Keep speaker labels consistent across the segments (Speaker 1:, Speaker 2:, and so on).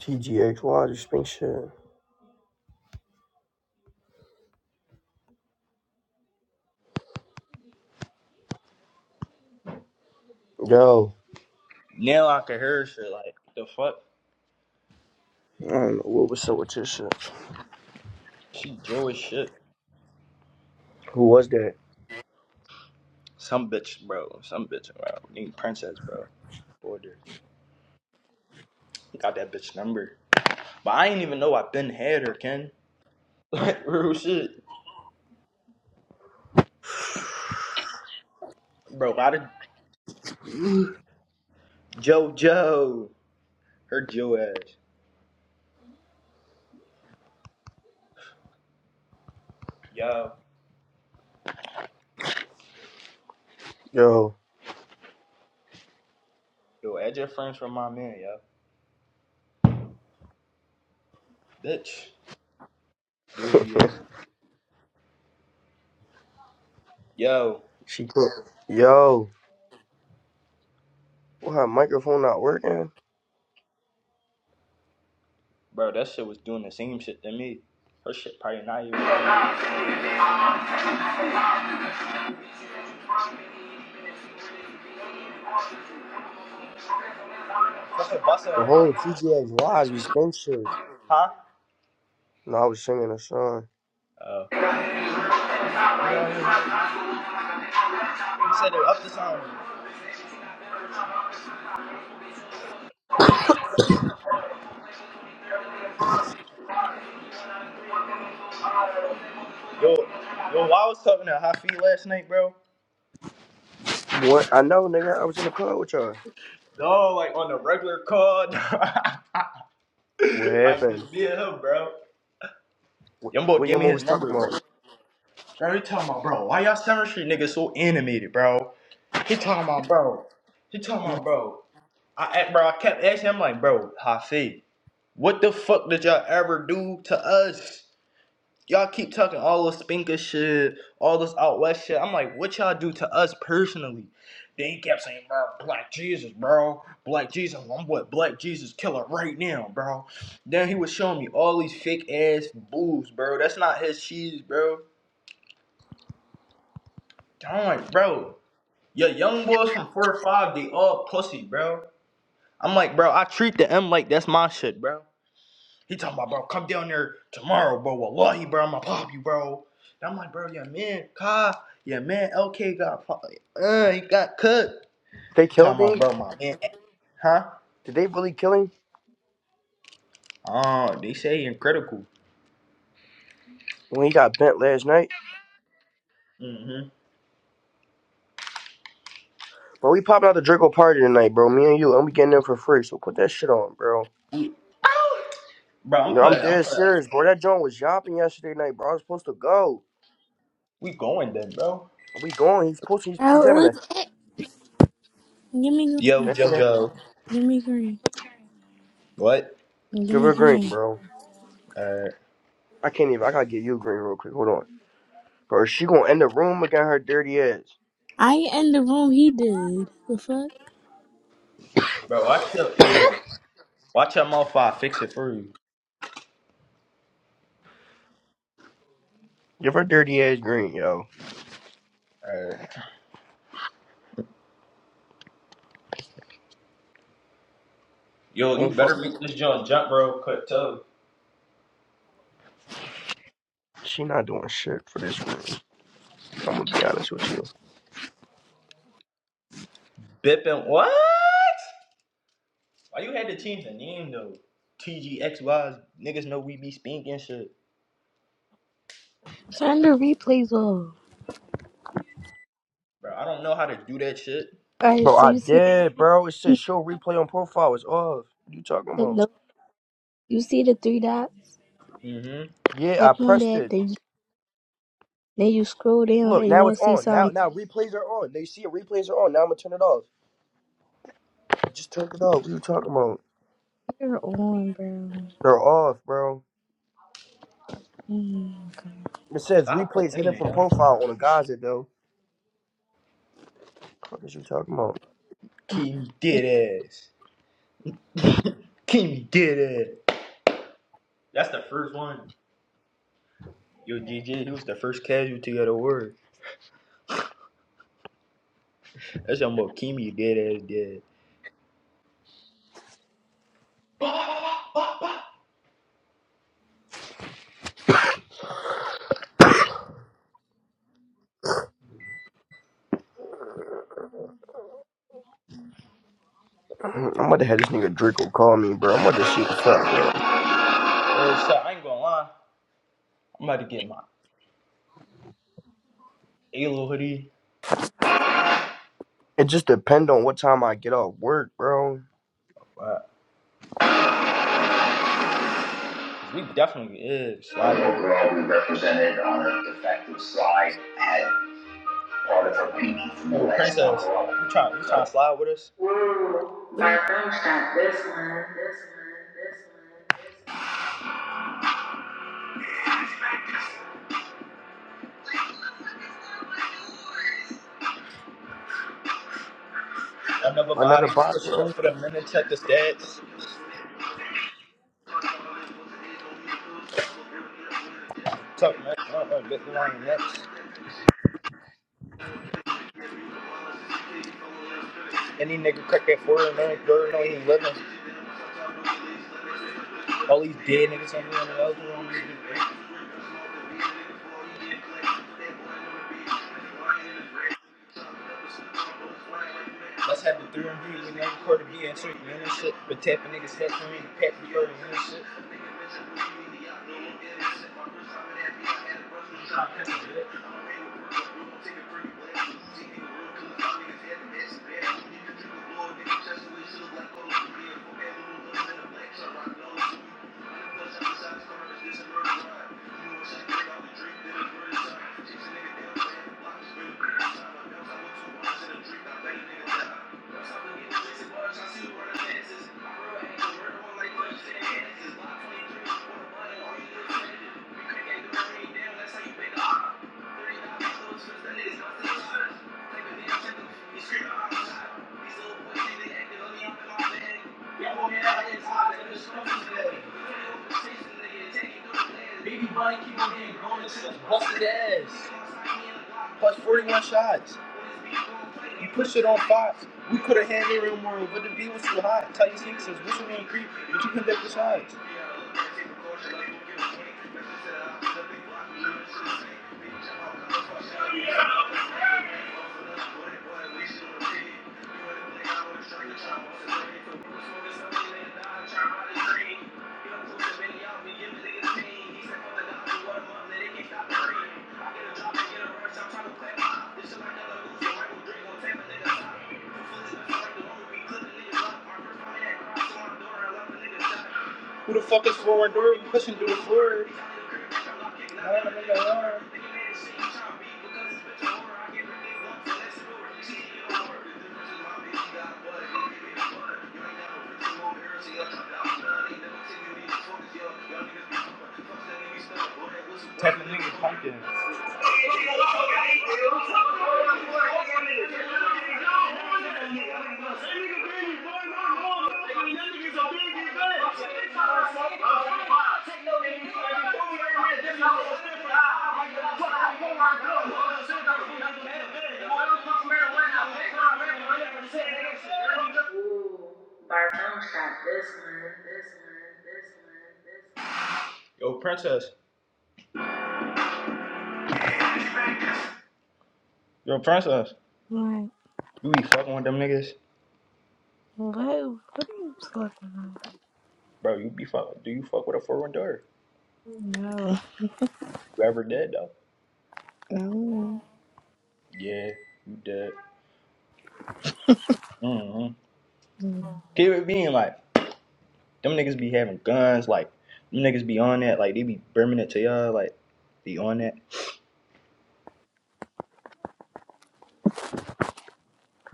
Speaker 1: TGH, why this shit? Yo,
Speaker 2: Now I can hear shit like the fuck.
Speaker 1: I don't know what was up with this shit.
Speaker 2: She Jewish shit.
Speaker 1: who was that?
Speaker 2: Some bitch, bro. Some bitch, bro. Need princess, bro. Order. Got that bitch number. But I ain't even know I been had her, Ken. Like real shit, bro. A lot of JoJo. Her Joe ass. Yo,
Speaker 1: Yo,
Speaker 2: yo, add your friends from my man, yo. Bitch, dirty ass. Yo,
Speaker 1: she quit. Yo, why her microphone not working?
Speaker 2: bro, that shit was doing the same shit to me. Her shit probably not even. Fucking busting,
Speaker 1: The whole TGX Wise we spin shit.
Speaker 2: huh?
Speaker 1: No, I was singing a song.
Speaker 2: Oh. You know what I mean? You said it up the sound. Yo, yo, I was talking to Hafi last night, bro.
Speaker 1: What? I know, nigga. I was in the club with y'all.
Speaker 2: No, like on the regular call.
Speaker 1: What
Speaker 2: like
Speaker 1: happened?
Speaker 2: just being him, bro.
Speaker 1: What,
Speaker 2: Young boy
Speaker 1: what
Speaker 2: gave
Speaker 1: your
Speaker 2: me
Speaker 1: mom
Speaker 2: his
Speaker 1: was talking
Speaker 2: number, bro.
Speaker 1: about?
Speaker 2: Bro, he talking about, bro, why y'all Seventh Street niggas so animated, bro? He talking about, bro. He talking about, bro. I, I- bro, I kept asking him, like, bro, Hafi, what the fuck did y'all ever do to us? Y'all keep talking all this spinker shit, all this out west shit. I'm like, what y'all do to us personally? Then he kept saying, bro, Black Jesus, bro. Black Jesus, I'm what Black Jesus killer right now, bro. Then he was showing me all these fake ass boobs, bro. That's not his cheese, bro. I'm like, bro, your young boys from 4 or 5, they all pussy, bro. I'm like, bro, I treat the M like that's my shit, bro. He talking about, bro, come down there tomorrow, bro. Wallahi, bro, I'ma pop you, bro. And I'm like, bro, yeah, man, Ka, yeah, man, LK got, fu- uh, he got cooked.
Speaker 1: They
Speaker 2: He
Speaker 1: killed
Speaker 2: talking about,
Speaker 1: him?
Speaker 2: bro, my man, huh?
Speaker 1: Did they really kill him?
Speaker 2: Oh, they say he in critical.
Speaker 1: When he got bent last night?
Speaker 2: Mm-hmm.
Speaker 1: Bro, we popping out the Draco party tonight, bro. Me and you, and we getting in for free. So put that shit on, bro.
Speaker 2: Bro, I'm
Speaker 1: No, I'm
Speaker 2: putting, I'm
Speaker 1: dead
Speaker 2: putting.
Speaker 1: serious, bro. That joint was yapping yesterday night, bro. I was supposed to go.
Speaker 2: We going then, bro.
Speaker 1: We going. He's supposed. He's, he's having
Speaker 3: Oh, it
Speaker 1: a.
Speaker 3: was- give me, green.
Speaker 2: Yo,
Speaker 1: Dang it.
Speaker 2: JoJo.
Speaker 3: give me green,
Speaker 2: What?
Speaker 3: give
Speaker 1: Give
Speaker 3: me
Speaker 1: her green,
Speaker 3: green.
Speaker 1: bro.
Speaker 2: Uh,
Speaker 1: I can't even. I gotta get you green real quick. Hold on, bro. She gonna end the room again. her dirty ass.
Speaker 3: I ain't in the room. He did. The fuck?
Speaker 2: bro, watch your ear. Watch your mouth. I fix it for you.
Speaker 1: Give her dirty ass green, yo.
Speaker 2: Uh, yo, you
Speaker 1: Don't fuck.
Speaker 2: better make this joint jump, bro. Quick, too.
Speaker 1: She not doing shit for this room. I'm gonna be honest with you,
Speaker 2: Bipping what? Why you had to change the name though? T G X Ys niggas know we be speaking shit.
Speaker 3: Turn the replays off.
Speaker 2: Bro, I don't know how to do that shit.
Speaker 3: All right.
Speaker 1: bro.
Speaker 3: So
Speaker 1: I
Speaker 3: you see,
Speaker 1: did, bro. It
Speaker 3: the
Speaker 1: says show replay on profile. It's off. What you talking about?
Speaker 3: no, you see the three dots.
Speaker 2: Mm-hmm.
Speaker 1: Yeah,
Speaker 3: Tap
Speaker 1: I
Speaker 3: on
Speaker 1: pressed
Speaker 3: that.
Speaker 1: it.
Speaker 3: Then you, then you scroll down
Speaker 1: Look,
Speaker 3: and you
Speaker 1: now
Speaker 3: gonna
Speaker 1: it's
Speaker 3: see
Speaker 1: on. Now,
Speaker 3: something.
Speaker 1: now replays are on. They see it. Replays are on. Now I'm gonna turn it off. Just turn it off. What you talking about?
Speaker 3: You're on, bro.
Speaker 1: They're off, bro.
Speaker 3: Oh my
Speaker 1: It says
Speaker 2: Stop
Speaker 1: replays hidden
Speaker 2: complaining.
Speaker 1: from profile on a Gaza, though. What is you talking about?
Speaker 3: god.
Speaker 2: Keem
Speaker 3: It's
Speaker 2: dead ass. Keem dead ass. That's the first one. Yo, GG, he was the first casualty of the war. That's how much Kimi dead ass dead.
Speaker 1: I'm about to have this nigga Draco call me, bro. I'm about to see what's up, bro.
Speaker 2: Oh shit, I ain't gonna lie. I'm about to get my Halo hoodie.
Speaker 1: It just depend on what time I get off work, bro.
Speaker 2: Wow. 'Cause We definitely is. slide Overall, we represented on a defective slide, had Oh, princess, you trying you trying to slide with us?
Speaker 3: weird.
Speaker 2: Another body,
Speaker 1: Another
Speaker 2: just
Speaker 1: bot,
Speaker 2: push
Speaker 1: you
Speaker 2: it up
Speaker 1: know?
Speaker 2: for the minute, check the stats. Tuck next, uh, uh, bit the line next. Any nigga crack that four and nine, third, no, he ain't living. All these dead niggas on the other one. Let's have the three and B when they record the BS treatment and shit. But tapping niggas head for me, pat the bird and shit. Thank you. Baby Bunny keep on getting grown into busted ass. Plus 41 shots. You pushed it on Fox. We could have had it more, but the beat was too hot. Tight sneaks says, what's your name, creep? But you couldn't take the shots. Yeah. Who the fuck is Florendora pushing through the floor? Technically of pumpkins. Bartone shot this one, this one, this one, this one. Yo, princess. Yo, princess.
Speaker 3: Like,
Speaker 2: You be fucking with them niggas,
Speaker 3: what? What are you talking about?
Speaker 2: bro. You be fuck. Do you fuck with a foreign daughter?
Speaker 3: No,
Speaker 2: You ever dead though?
Speaker 3: I don't know.
Speaker 2: Yeah, you dead. Mm-hmm.
Speaker 3: No,
Speaker 2: Keep it being like them niggas be having guns. Like them niggas be on that. Like they be brimming it to y'all. Like be on that.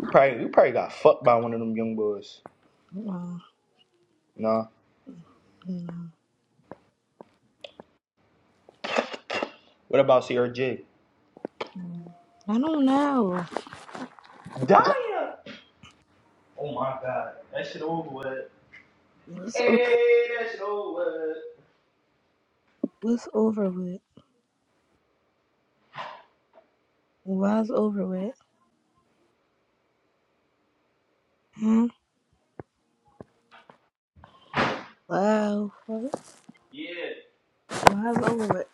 Speaker 2: You probably you probably got fucked by one of them young boys.
Speaker 3: no,
Speaker 2: Nah.
Speaker 3: no,
Speaker 2: What about CRJ?
Speaker 3: no. I don't know.
Speaker 2: Daya. Oh my god, that shit over with.
Speaker 3: What's o-
Speaker 2: Hey, that shit over with.
Speaker 3: what's over with? Why's over with? Hmm? Wow.
Speaker 2: Yeah,
Speaker 3: Why's over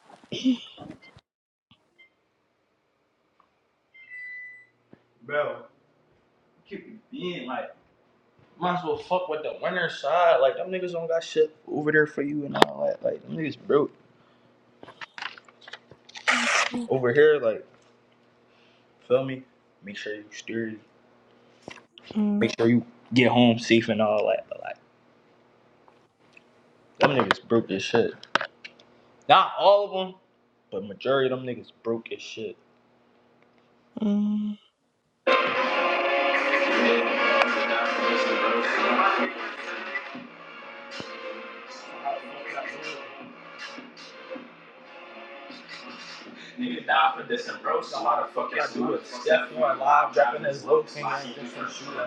Speaker 2: bro, keep it being like. Might as well fuck with the winner side. Like them niggas don't got shit over there for you and all that. Like them niggas broke
Speaker 3: with?
Speaker 2: over here. Like feel me? Make sure you steer.
Speaker 3: Mm,
Speaker 2: Make sure you get home safe and all that. But like them niggas broke as shit. Not all of them, but majority of them niggas broke as shit.
Speaker 3: mm.
Speaker 2: Niggas die for this and bro. Some motherfuckers do it. having as low canine different shooting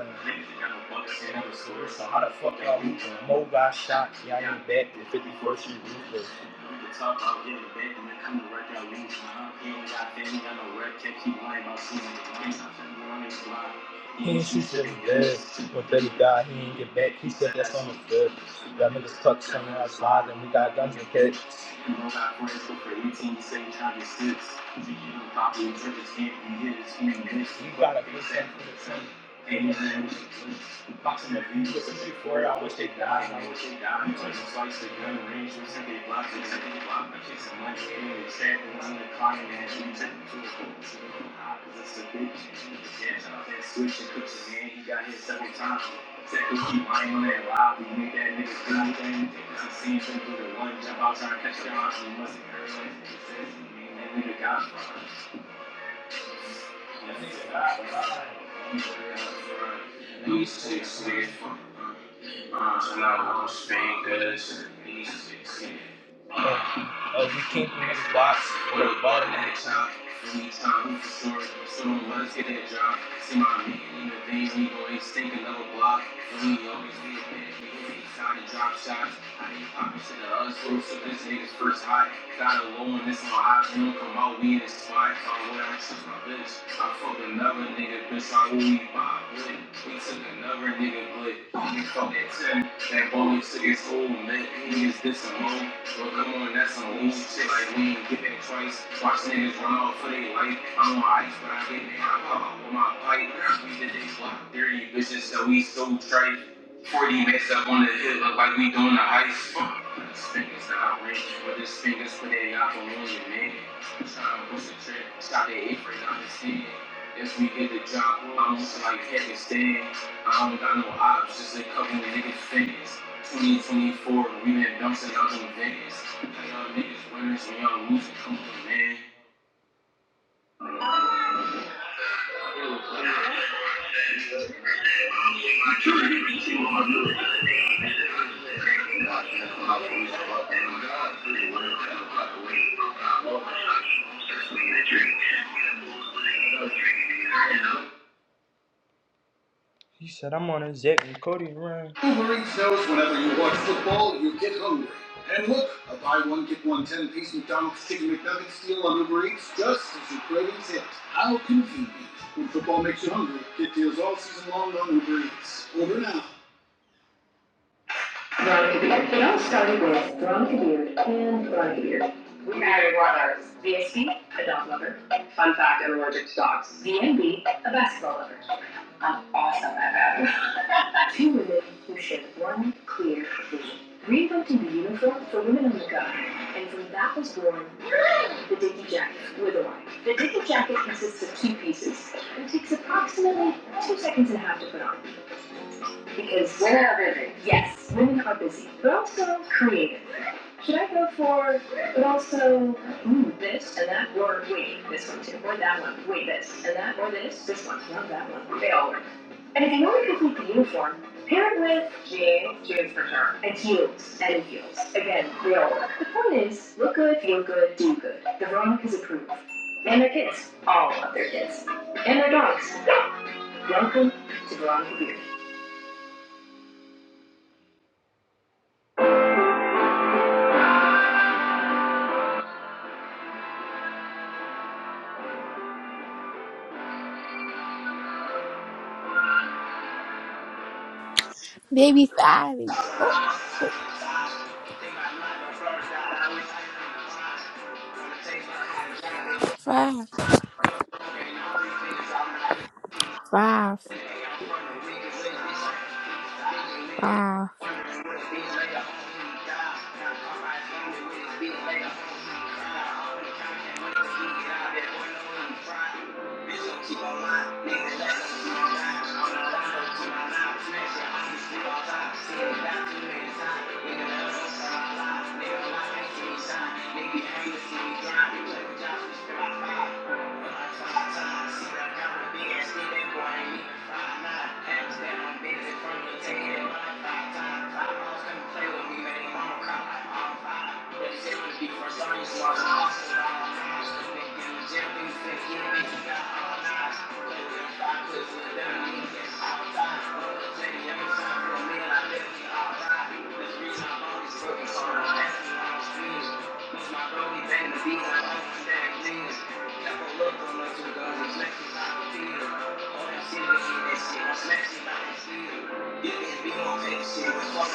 Speaker 2: and receiver. So how the fuck y'all uh, Mo got shot, y'all ain't back the 51st Street ruthless. Talk about getting big and then come to work out weeks. Nah, he ain't got family, got no rep, can't keep lying about seeing the He ain't shoot shit in the When Betty died, he ain't get back. He said that's on the fifth. Y'all niggas tuck something of us and we got guns and kick. You know that for instance for 18, you say Travis six. If you give him proper interpretation, he hits, he missed. You gotta fix that for the team. Amen. Boxing the views, this shit I wish they died. I wish they died. You took some slice of gun range. You said they blocked. You said they blocked. I kicked some money. You said they was in the clock and then you took it to a court. It's a bitch. Yeah, I been switching coaches, man. He got hit several times. Second, keep lying on that lobby. Make that nigga do anything. I've Succeed from through the one jump out trying to catch down. He must have heard like he says. you ain't That nigga got fun. That nigga got fun. He got fun. These six niggas from uh, uh, Slow fingers. Uh, you came from niggas' blocks with a ball in that shop. Anytime we it. That job. See my man in the veins, we go extinct another block. We always be a bitch, we hit these time to drop shots. I ain't poppin' shit to us, so this nigga's first hot. Got a low and this on hot, we don't come out, we in the spot. I'm with, I choose my bitch. I fuck another nigga, bitch, I will be my bitch. We took another nigga, but we fuck that ten. That boy took his whole man, he is this a hoe. So come on, that's on we shit like we ain't get that twice. Watch niggas run off for their life. I'm on ice, but I get it. I pop up with my pipe. We did this block dirty bitches, so we so trite. 40 mess up on the hill, look like we doing the heist. This finger's not rich, but this finger's for their y'all can win it, man. Tryna push the trip, shot that apron, I'm just saying. Yes, we get the job, I'm just like heaven stand. I don't got no ops, just a couple of niggas' fingers. 2024, we been bouncing out in Vegas. Young niggas winners, we on music, come on, man. He said, I'm on a Zach and Cody run. Wolverine sells whenever you watch football, you get hungry. And look, a buy one, get one 10 piece McDonald's Chicken McNugget deal on Uber Eats just as your cravings hit. How convenient. When football makes you hungry, get deals all season long on Uber Eats. Order now. Bronchi beard, starting with Bronchi and Bronchi We added one artist, VSD, a dog lover. fun fact, I'm allergic to dogs. VNB, a basketball lover. I'm awesome at that. Two women who share one clear vision. Reinventing the uniform for women on the go, and from that was born the Dickie Jacket with a Y. The Dickie Jacket consists of two pieces and takes approximately two seconds and a half to put on because Women are busy. yes, women are busy, but also creative. Should I go for, but also, ooh, this and that, or wait, this one too, or that one, wait, this and that, or this, this one, love that one. They all work. And if you want to complete the uniform, pair it with Jeans, jeans for sure. and heels and heels. Again, they all work. The point is, look good, feel good, do good. The Veronicas approve. And their kids. All of their kids. And their dogs. Welcome to Veronica
Speaker 3: Baby five. baby. Oh, oh, five, five, five.
Speaker 2: Beard. Nigga, I'm the same guy. Play with Josh, we spend my five. Sorry, that's my dreams. It's my only thing to be. I'm always damn genius. I ain't got a cop, so I hope she's up my house, so I They see my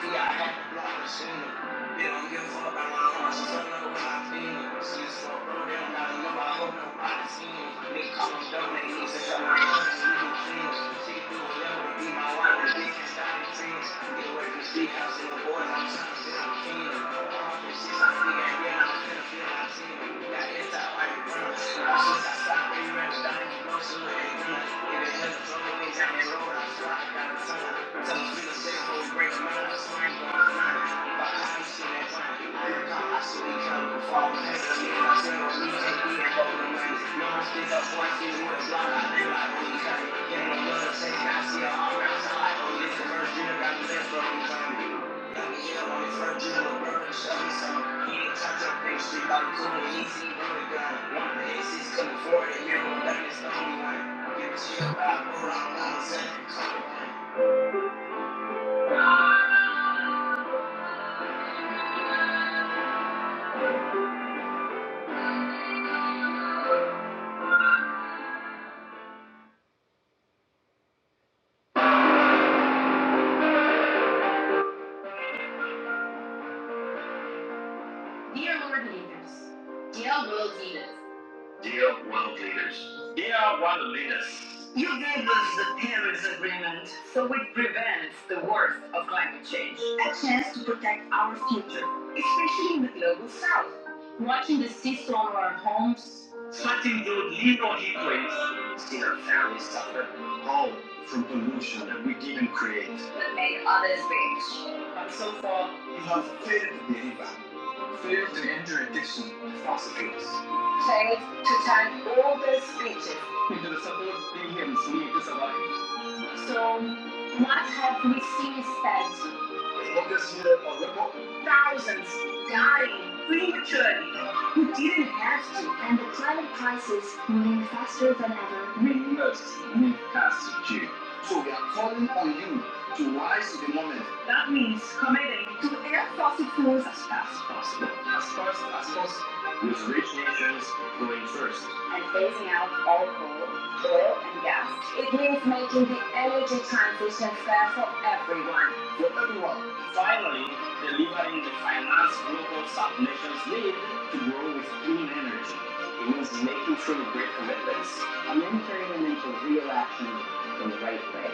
Speaker 2: feet, I had to block the sooner. They don't give a fuck about my heart. She don't know about my feelings. She just want bro. They don't gotta know. I hope nobody seen it. Nigga call them dumb. They need to shut my mouth. She do things. She do whatever. Be my wife. She can stop the things. Get away from the street house and the boys. I'm trying to sit on the king. I'm off this shit. I'm free. I'm real. I'm finna feel like I'm Thank you. got the best from me. Dear Lord leaders, dear world Venus. You gave us the Paris Agreement, so it prevents the worst of climate change. A chance to protect our future, especially in the global south. Watching the seesaw on our homes. Sweating through legal heat waves. Seeing our families suffer. All from. That made others rich. We have 15 Failed to time all their speeches. So, what have we seen instead? and the climate crisis moving faster than ever. We must move past June. So we are calling on you to rise to the moment That means committing to end fossil fuels as fast as possible. As fast as possible, with rich nations going first. and phasing out all coal, oil, and gas. It means making the energy transition fair for everyone. for everyone. Finally, delivering the finance global sub nations need to grow with clean energy. It means making sure you break commitments and then turning them into real action in the right way.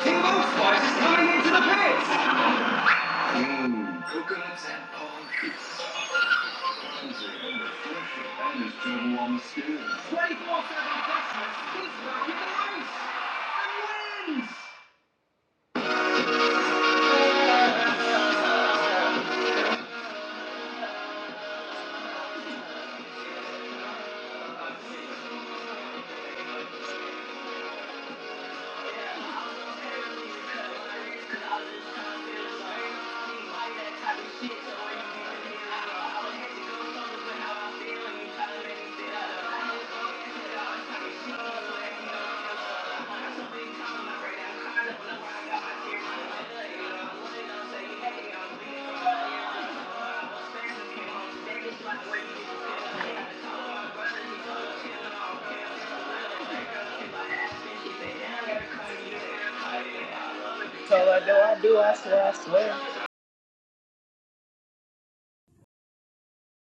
Speaker 2: King Bone Spice is coming into the pits! Coconuts and palm trees. This is a wonderful fruit. That is